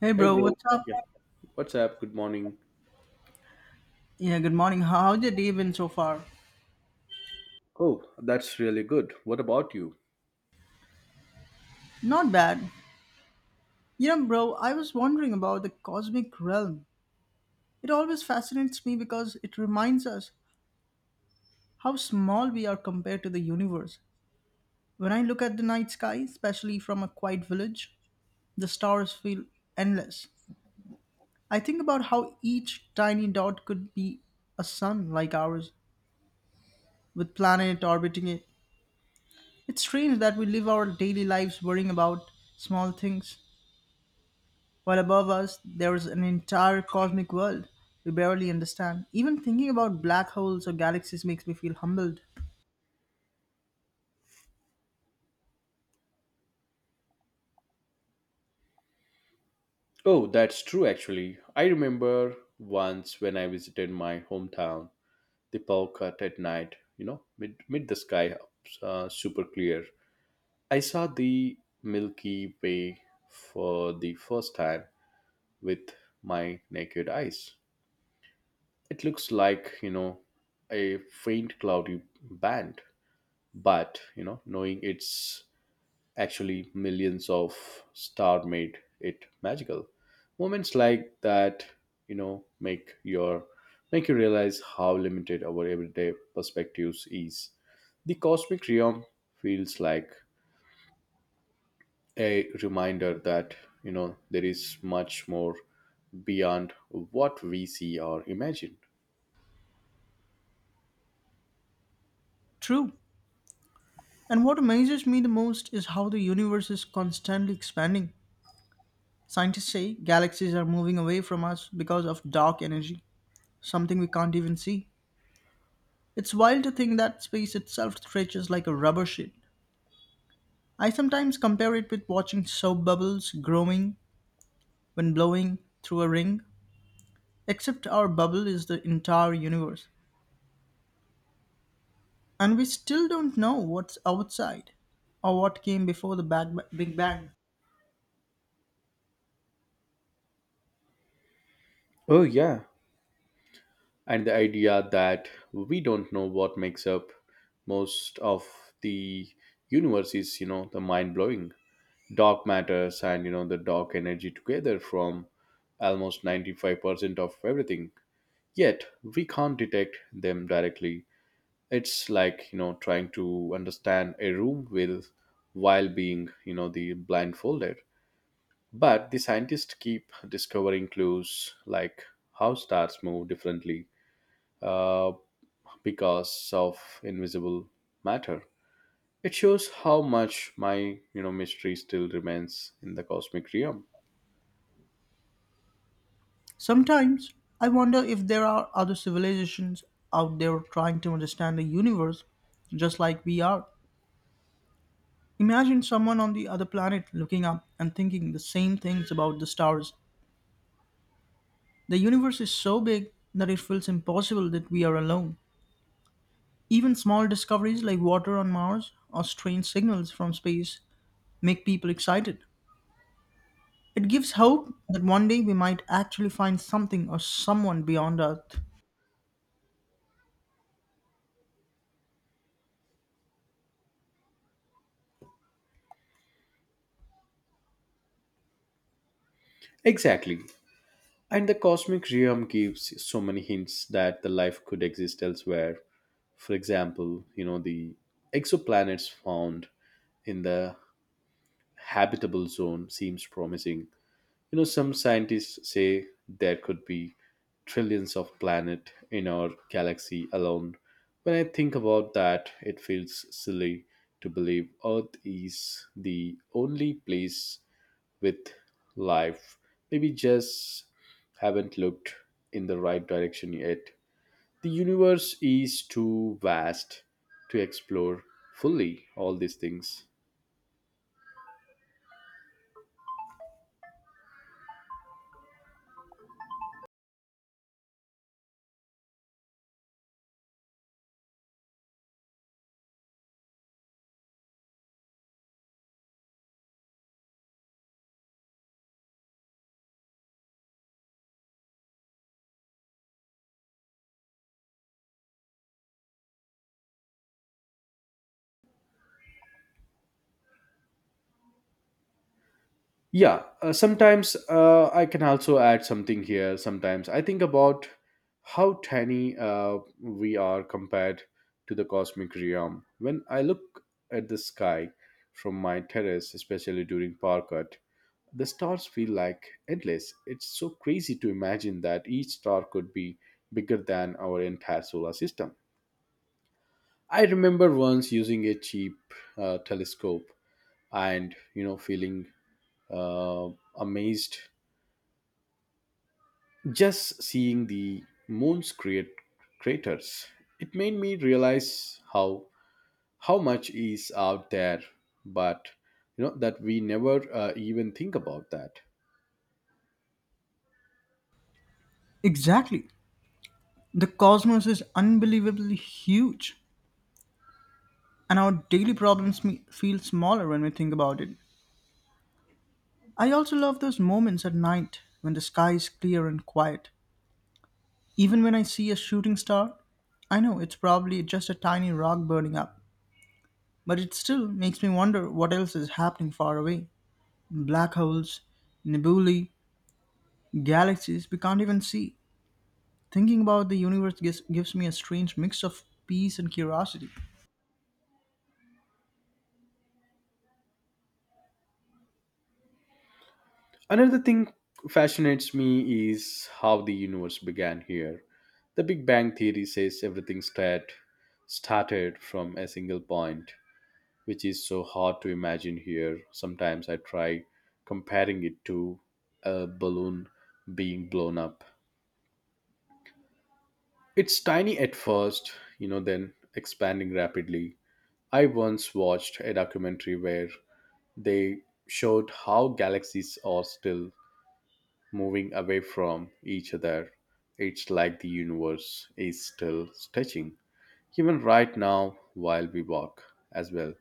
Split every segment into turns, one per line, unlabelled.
Hey
Hey,
bro,
bro.
what's up?
Yeah. What's up? Good morning.
Yeah, good morning. How's your day been so far?
Oh, that's really good. What about you?
Not bad. You know, bro, I was wondering about the cosmic realm. It always fascinates me because it reminds us how small we are compared to the universe. When I look at the night sky, especially from a quiet village, the stars feel endless. I think about how each tiny dot could be a sun like ours, with planet orbiting it. It's strange that we live our daily lives worrying about small things while above us there is an entire cosmic world we barely understand. Even thinking about black holes or galaxies makes me feel humbled.
Oh, that's true, actually. I remember once when I visited my hometown, the power cut at night, mid the sky super clear. I saw the Milky Way for the first time with my naked eyes. It looks like, a faint cloudy band, but, knowing it's actually millions of stars made it magical. Moments like that, you know, make your make you realize how limited our everyday perspectives is. The cosmic realm feels like a reminder that there is much more beyond what we see or imagine.
True. And what amazes me the most is how the universe is constantly expanding. Scientists say galaxies are moving away from us because of dark energy, something we can't even see. It's wild to think that space itself stretches like a rubber sheet. I sometimes compare it with watching soap bubbles growing when blowing through a ring, except our bubble is the entire universe. And we still don't know what's outside or what came before the Big Bang.
Oh, yeah. And the idea that we don't know what makes up most of the universe is, the mind blowing. Dark matters and the dark energy together from almost 95% of everything, yet we can't detect them directly. It's like, trying to understand a room with, while being, the blindfolded. But the scientists keep discovering clues, like how stars move differently uh, because of invisible matter. It shows how much my, mystery still remains in the cosmic realm.
Sometimes I wonder if there are other civilizations out there trying to understand the universe just like we are. Imagine someone on the other planet looking up and thinking the same things about the stars. The universe is so big that it feels impossible that we are alone. Even small discoveries like water on Mars or strange signals from space make people excited. It gives hope that one day we might actually find something or someone beyond Earth.
Exactly. And the cosmic realm gives so many hints that the life could exist elsewhere. For example, the exoplanets found in the habitable zone seems promising. Some scientists say there could be trillions of planets in our galaxy alone. When I think about that, it feels silly to believe Earth is the only place with life. Maybe just haven't looked in the right direction yet. The universe is too vast to explore fully all these things. Yeah, sometimes I can also add something here. Sometimes I think about how tiny we are compared to the cosmic realm. When I look at the sky from my terrace, especially during power cut, the stars feel like endless. It's so crazy to imagine that each star could be bigger than our entire solar system. I remember once using a cheap telescope and feeling uh, amazed, just seeing the moon's create craters. It made me realize how much is out there, but you know that we never even think about that.
Exactly. The cosmos is unbelievably huge, and our daily problems feel smaller when we think about it. I also love those moments at night when the sky is clear and quiet. Even when I see a shooting star, I know it's probably just a tiny rock burning up, but it still makes me wonder what else is happening far away. Black holes, nebulae, galaxies we can't even see. Thinking about the universe gives me a strange mix of peace and curiosity.
Another thing fascinates me is how the universe began here. The Big Bang theory says everything started from a single point, which is so hard to imagine here. Sometimes I try comparing it to a balloon being blown up. It's tiny at first, then expanding rapidly. I once watched a documentary where they showed how galaxies are still moving away from each other. It's like the universe is still stretching, even right now while we walk as well.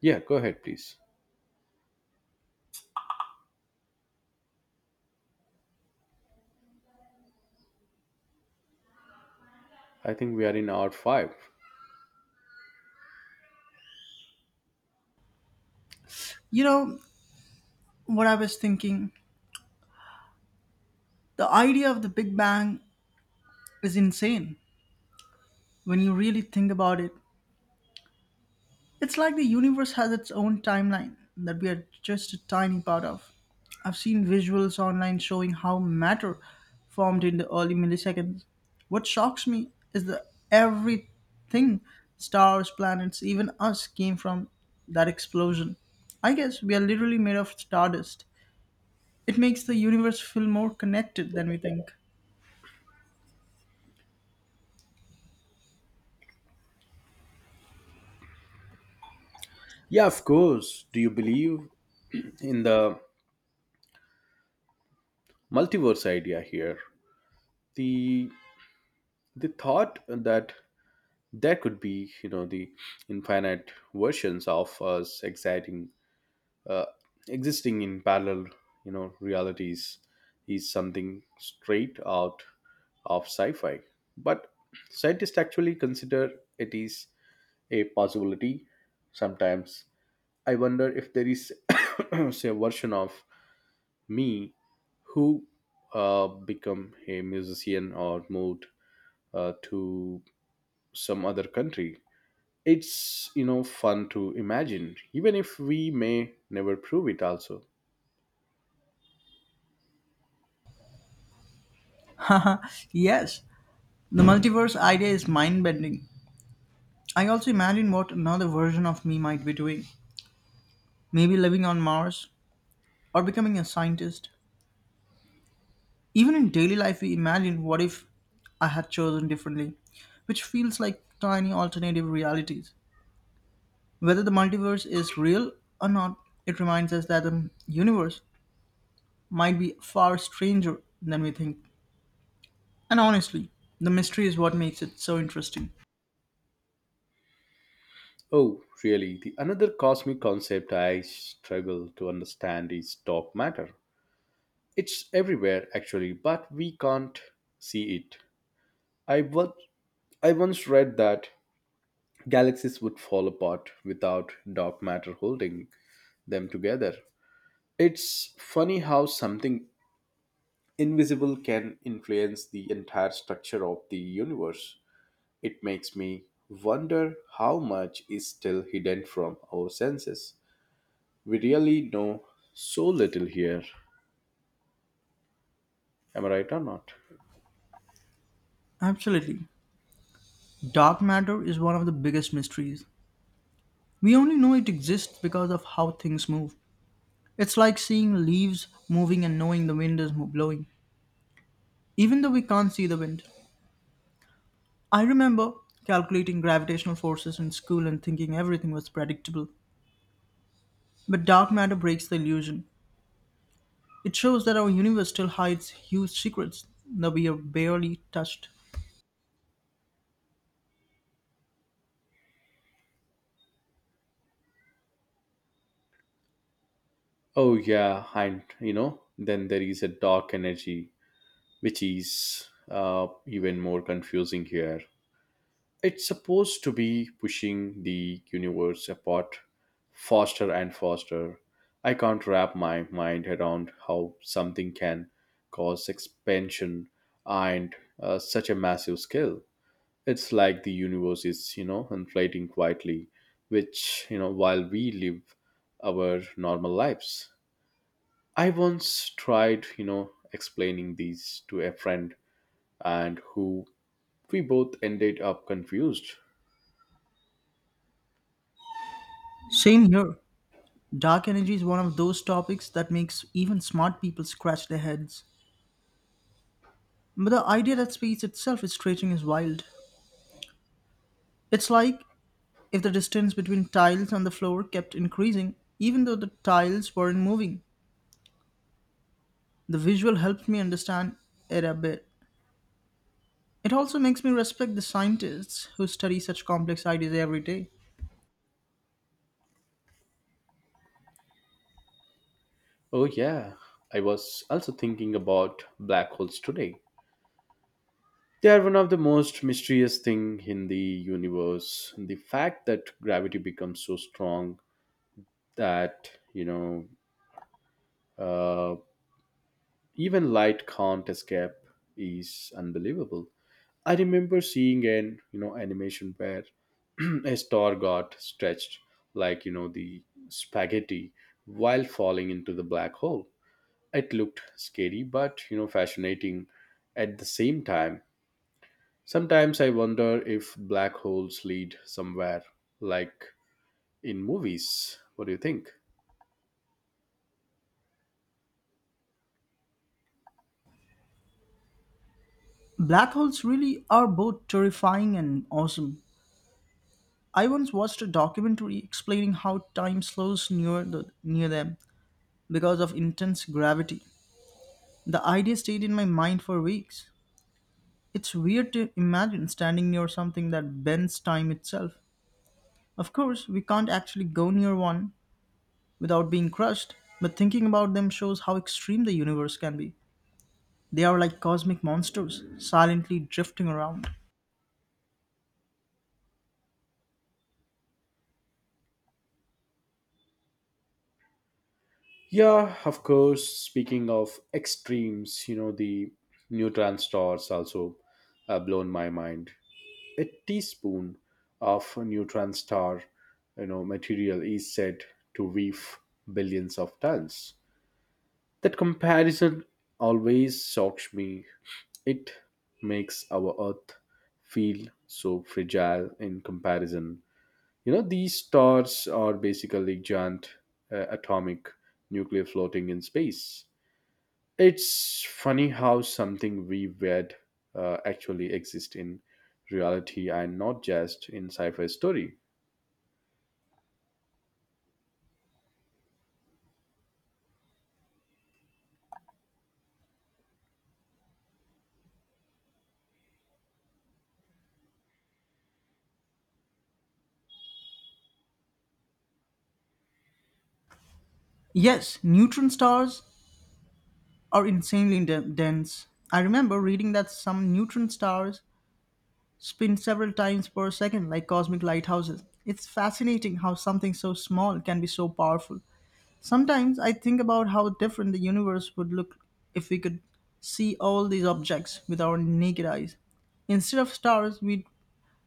Yeah, go ahead, please. I think we are in hour 5.
You know what I was thinking? The idea of the Big Bang is insane when you really think about it. It's like the universe has its own timeline that we are just a tiny part of. I've seen visuals online showing how matter formed in the early milliseconds. What shocks me is that everything stars, planets, even us came from that explosion. I guess we are literally made of stardust. It makes the universe feel more connected than we think.
Yeah, of course. Do you believe in the multiverse idea here? The the thought that there could be, the infinite versions of us exciting uh, existing in parallel, realities, is something straight out of sci-fi. But scientists actually consider it is a possibility sometimes. I wonder if there is say a version of me who become a musician or moved to some other country. It's, fun to imagine, even if we may never prove it also.
Haha, yes, the multiverse idea is mind bending. I also imagine what another version of me might be doing, maybe living on Mars, or becoming a scientist. Even in daily life, we imagine what if I had chosen differently, which feels like tiny alternative realities. Whether the multiverse is real or not, it reminds us that the universe might be far stranger than we think. And honestly, the mystery is what makes it so interesting.
Oh, really. The another cosmic concept I struggle to understand is dark matter. It's everywhere actually, but we can't see it. i was I once read that galaxies would fall apart without dark matter holding them together. It's funny how something invisible can influence the entire structure of the universe. It makes me wonder how much is still hidden from our senses. We really know so little here. Am I right or not?
Absolutely. Dark matter is one of the biggest mysteries. We only know it exists because of how things move. It's like seeing leaves moving and knowing the wind is blowing, even though we can't see the wind. I remember calculating gravitational forces in school and thinking everything was predictable. But dark matter breaks the illusion. It shows that our universe still hides huge secrets that we have barely touched.
Oh, yeah, and then there is a dark energy, which is, even more confusing here. It's supposed to be pushing the universe apart, faster and faster. I can't wrap my mind around how something can cause expansion and such a massive scale. It's like the universe is, inflating quietly, which, while we live our normal lives. I once tried, explaining these to a friend, and who, we both ended up confused.
Same here. Dark energy is one of those topics that makes even smart people scratch their heads. But the idea that space itself is stretching is wild. It's like if the distance between tiles on the floor kept increasing, even though the tiles weren't moving. The visual helps me understand it a bit. It also makes me respect the scientists who study such complex ideas every day.
Oh, yeah. I was also thinking about black holes today. They are one of the most mysterious thing in the universe. The fact that gravity becomes so strong that, uh, even light can't escape is unbelievable. I remember seeing an, animation where a star got stretched like, the spaghetti, while falling into the black hole. It looked scary, but fascinating at the same time. Sometimes I wonder if black holes lead somewhere, like in movies. What do you think?
Black holes really are both terrifying and awesome. I once watched a documentary explaining how time slows near them because of intense gravity. The idea stayed in my mind for weeks. It's weird to imagine standing near something that bends time itself. Of course, we can't actually go near one, without being crushed, but thinking about them shows how extreme the universe can be. They are like cosmic monsters, silently drifting around.
Yeah, of course. Speaking of extremes, the neutron stars also blown my mind. A teaspoon of a neutron star, material is said to weigh billions of tons. That comparison always shocks me. It makes our Earth feel so fragile in comparison. These stars are basically giant atomic nuclear floating in space. It's funny how something we read actually exists in reality and not just in sci fi story.
Yes, neutron stars are insanely dense. I remember reading that some neutron stars spin several times per second like cosmic lighthouses. It's fascinating how something so small can be so powerful. Sometimes I think about how different the universe would look if we could see all these objects with our naked eyes. Instead of stars, we'd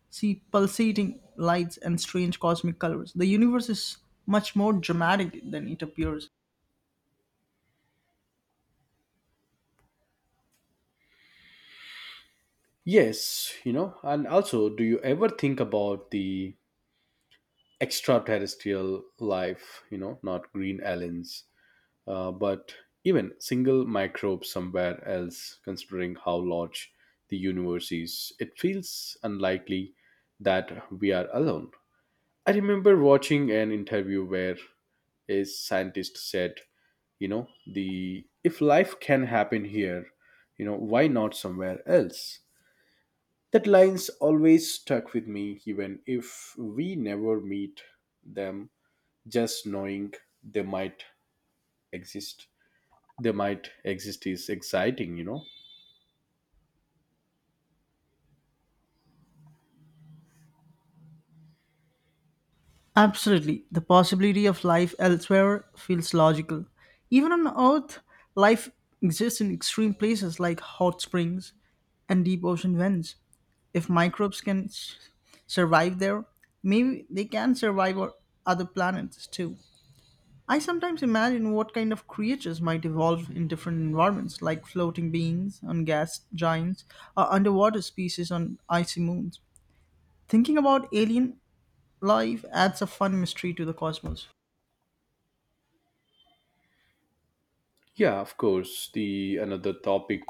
see pulsating lights and strange cosmic colors. The universe is much more dramatic than it appears.
Yes, and also, do you ever think about the extraterrestrial life, not green aliens, but even single microbes somewhere else. Considering how large the universe is, it feels unlikely that we are alone. I remember watching an interview where a scientist said, the if life can happen here, why not somewhere else? That line's always stuck with me. Even if we never meet them, just knowing they might exist they might exist is exciting.
Absolutely. The possibility of life elsewhere feels logical. Even on Earth, life exists in extreme places like hot springs and deep ocean vents. If microbes can survive there, maybe they can survive on other planets too. I sometimes imagine what kind of creatures might evolve in different environments, like floating beings on gas giants or underwater species on icy moons. Thinking about alien life adds a fun mystery to the cosmos.
yeah, of course. The another topic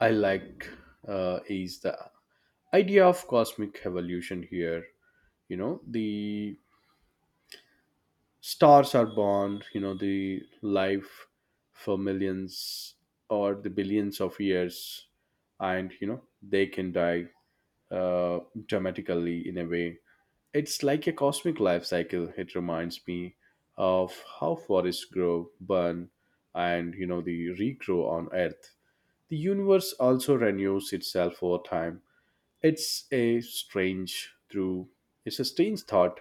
I like is the idea of cosmic evolution here. The stars are born, the life, for millions or the billions of years, and they can die uh, dramatically in a way. It's like a cosmic life cycle. It reminds me of how forests grow, burn, and the regrow on Earth. The universe also renews itself over time. It's a strange through it's a strange thought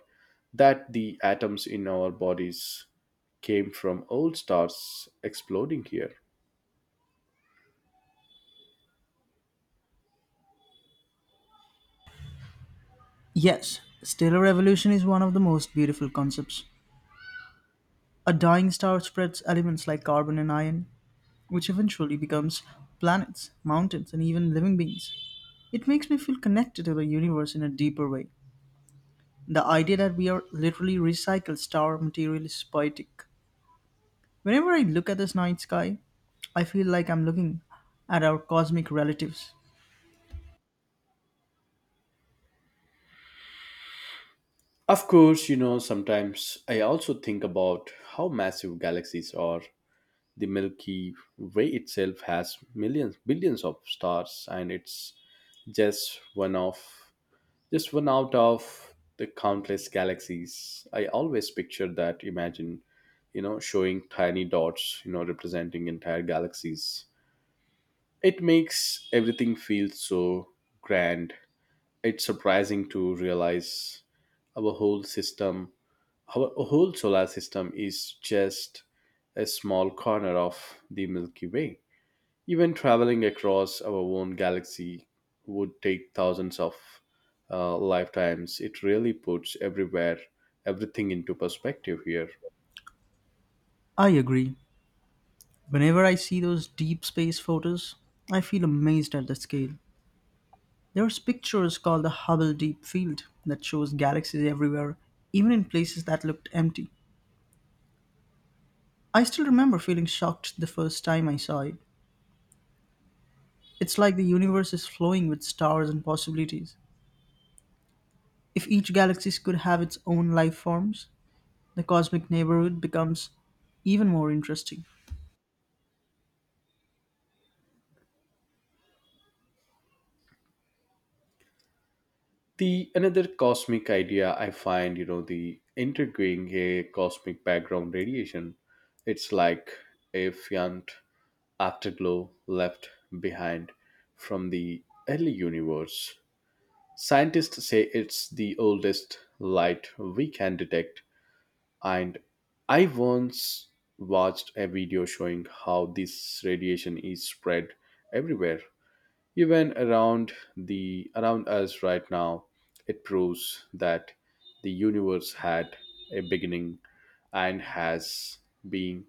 that the atoms in our bodies came from old stars exploding here.
Yes, stellar evolution is one of the most beautiful concepts. A dying star spreads elements like carbon and iron, which eventually becomes planets, mountains, and even living beings. It makes me feel connected to the universe in a deeper way. The idea that we are literally recycled star material is poetic. Whenever I look at this night sky, I feel like I'm looking at our cosmic relatives.
Of course, sometimes I also think about how massive galaxies are. The Milky Way itself has millions, billions of stars, and it's just one of just one out of the countless galaxies. I always picture that. Imagine, showing tiny dots, representing entire galaxies. It makes everything feel so grand. It's surprising to realize our whole system, our whole solar system is just a small corner of the Milky Way. Even traveling across our own galaxy would take thousands of lifetimes. It really puts everywhere everything into perspective here.
I agree. Whenever I see those deep space photos, I feel amazed at the scale. There's pictures called the Hubble Deep Field that shows galaxies everywhere, even in places that looked empty. I still remember feeling shocked the first time I saw it. It's like the universe is flowing with stars and possibilities. If each galaxy could have its own life forms, the cosmic neighborhood becomes even more interesting.
The another cosmic idea I find, the integrating a cosmic background radiation. It's like a faint afterglow left behind from the early universe. Scientists say it's the oldest light we can detect. And I once watched a video showing how this radiation is spread everywhere, even around us right now. It proves that the universe had a beginning and has been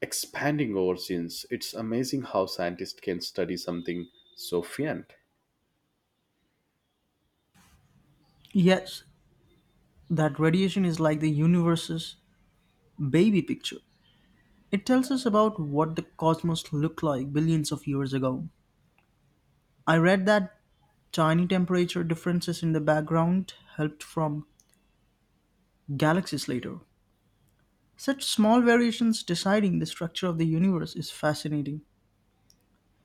expanding over since. It's amazing how scientists can study something so faint.
Yes, that radiation is like the universe's baby picture. It tells us about what the cosmos looked like billions of years ago. I read that tiny temperature differences in the background helped from galaxies later. Such small variations deciding the structure of the universe is fascinating.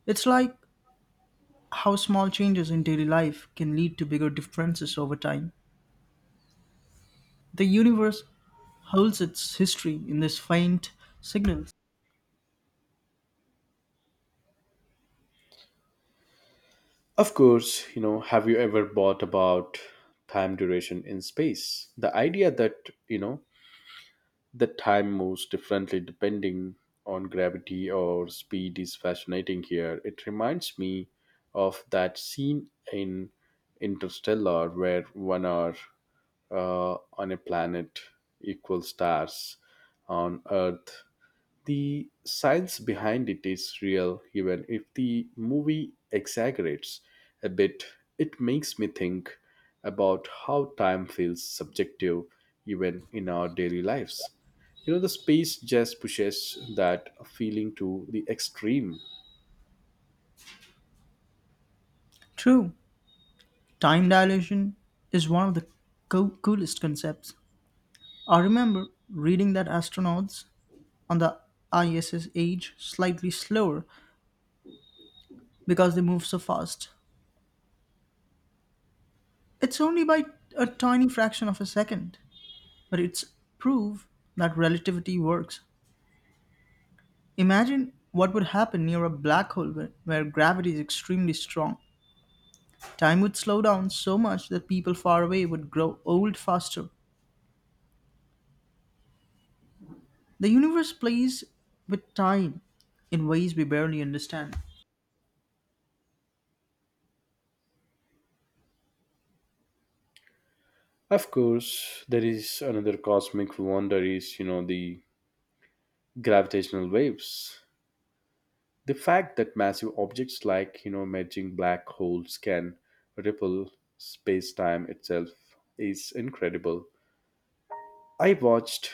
It's like how small changes in daily life can lead to bigger differences over time. The universe holds its history in these faint signals.
Of course, have you ever thought about time duration in space? The idea that, the time moves differently depending on gravity or speed is fascinating here. It reminds me of that scene in Interstellar where 1 hour on a planet equals stars on Earth. The science behind it is real, even if the movie exaggerates a bit. It makes me think about how time feels subjective even in our daily lives. The space just pushes that feeling to the extreme.
True, time dilation is one of the coolest concepts. I remember reading that astronauts on the ISS age slightly slower because they move so fast. It's only by a tiny fraction of a second, but it's proof that relativity works. Imagine what would happen near a black hole where gravity is extremely strong. Time would slow down so much that people far away would grow old faster. The universe plays with time in ways we barely understand.
Of course, there is another cosmic wonder is, the gravitational waves. The fact that massive objects like, merging black holes can ripple space-time itself is incredible. I watched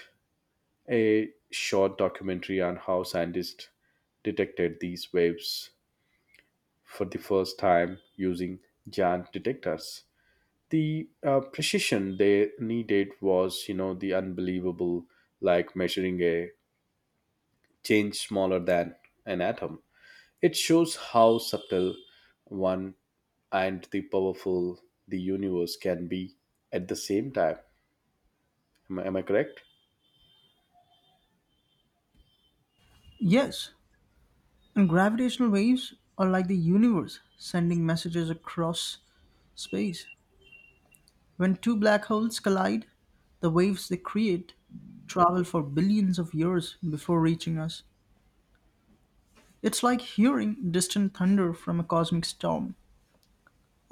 a short documentary on how scientists detected these waves for the first time using giant detectors. The precision they needed was, the unbelievable, like measuring a change smaller than an atom. It shows how subtle one and the powerful the universe can be at the same time. Am I correct?
Yes, and gravitational waves are like the universe sending messages across space. When two black holes collide, the waves they create travel for billions of years before reaching us. It's like hearing distant thunder from a cosmic storm.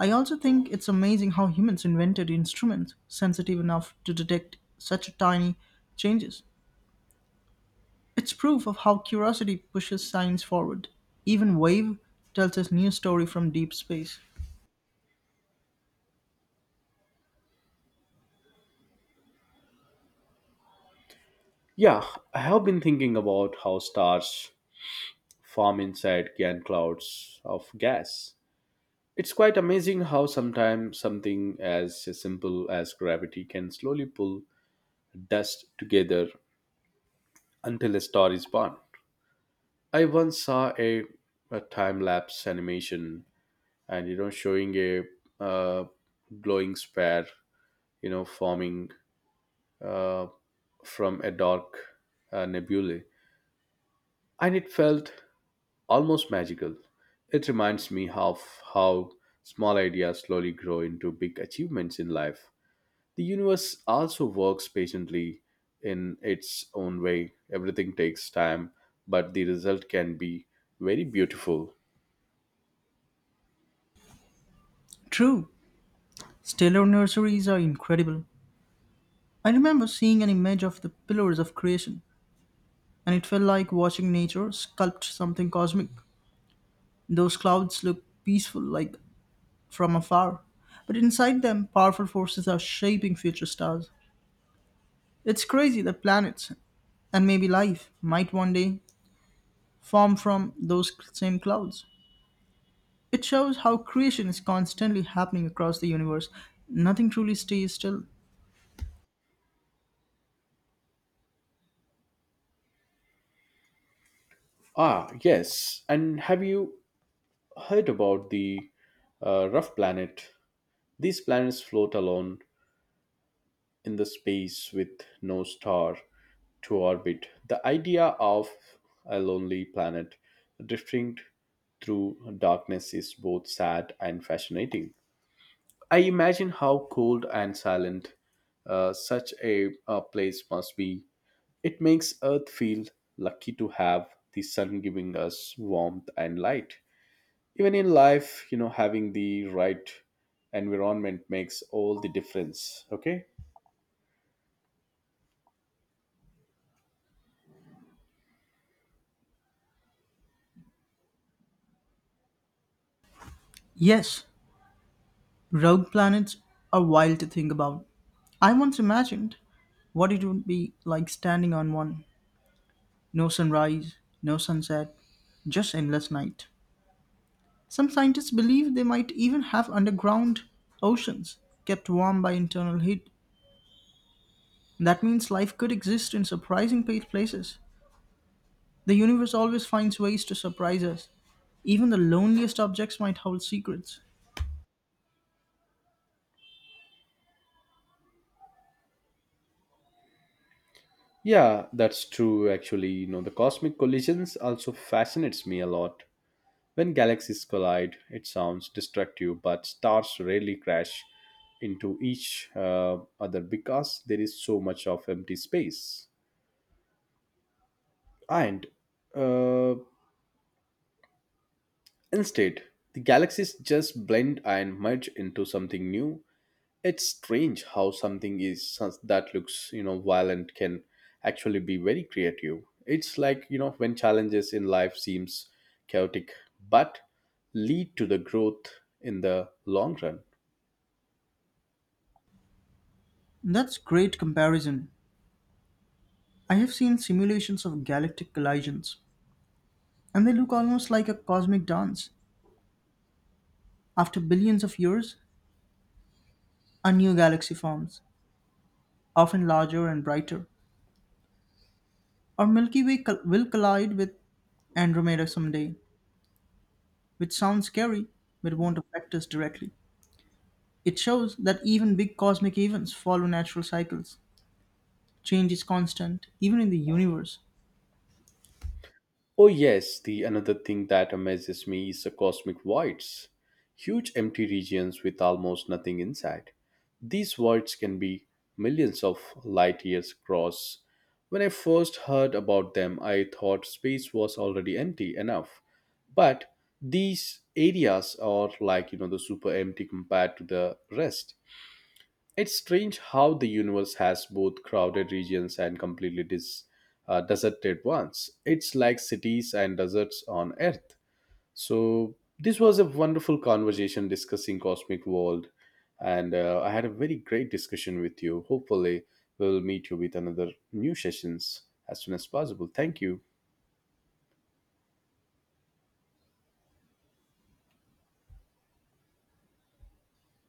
I also think it's amazing how humans invented instruments sensitive enough to detect such tiny changes. It's proof of how curiosity pushes science forward. Even Wave tells us new story from deep space.
Yeah, I have been thinking about how stars form inside giant clouds of gas. It's quite amazing how sometimes something as simple as gravity can slowly pull dust together until a star is born. I once saw a time lapse animation, and showing a uh, glowing sphere, forming uh, from a dark nebulae, and it felt almost magical. It reminds me of how small ideas slowly grow into big achievements in life. The universe also works patiently in its own way. Everything takes time, but the result can be very beautiful.
True, stellar nurseries are incredible. I remember seeing an image of the pillars of creation, and it felt like watching nature sculpt something cosmic. Those clouds look peaceful, like from afar, but inside them, powerful forces are shaping future stars. It's crazy that planets, and maybe life, might one day form from those same clouds. It shows how creation is constantly happening across the universe. Nothing truly stays still.
Ah, yes. And have you heard about the rough planet? These planets float alone in the space with no star to orbit. The idea of a lonely planet drifting through darkness is both sad and fascinating. I imagine how cold and silent such a place must be. It makes Earth feel lucky to have the sun giving us warmth and light. Even in life, having the right environment makes all the difference. Okay.
Yes, rogue planets are wild to think about. I once imagined what it would be like standing on one. No sunrise, no sunset, just endless night. Some scientists believe they might even have underground oceans kept warm by internal heat. That means life could exist in surprising places. The universe always finds ways to surprise us. Even the loneliest objects might hold secrets.
Yeah, that's true actually. The cosmic collisions also fascinates me a lot. When galaxies collide, it sounds destructive, but stars rarely crash into each other, because there is so much of empty space. And uh, instead, the galaxies just blend and merge into something new. It's strange how something that looks, violent, can actually be very creative. It's like, when challenges in life seems chaotic but lead to the growth in the long run.
That's great comparison. I have seen simulations of galactic collisions, and they look almost like a cosmic dance. After billions of years, a new galaxy forms, often larger and brighter. Our Milky Way will collide with Andromeda someday, which sounds scary but won't affect us directly. It shows that even big cosmic events follow natural cycles. Change is constant, even in the universe.
Oh yes, the another thing that amazes me is the cosmic voids. Huge empty regions with almost nothing inside. These voids can be millions of light years across. When I first heard about them, I thought space was already empty enough. But these areas are like, the super empty compared to the rest. It's strange how the universe has both crowded regions and completely deserted ones. It's like cities and deserts on Earth. So this was a wonderful conversation discussing cosmic world, and I had a very great discussion with you. Hopefully, we'll meet you with another new sessions as soon as possible. Thank you.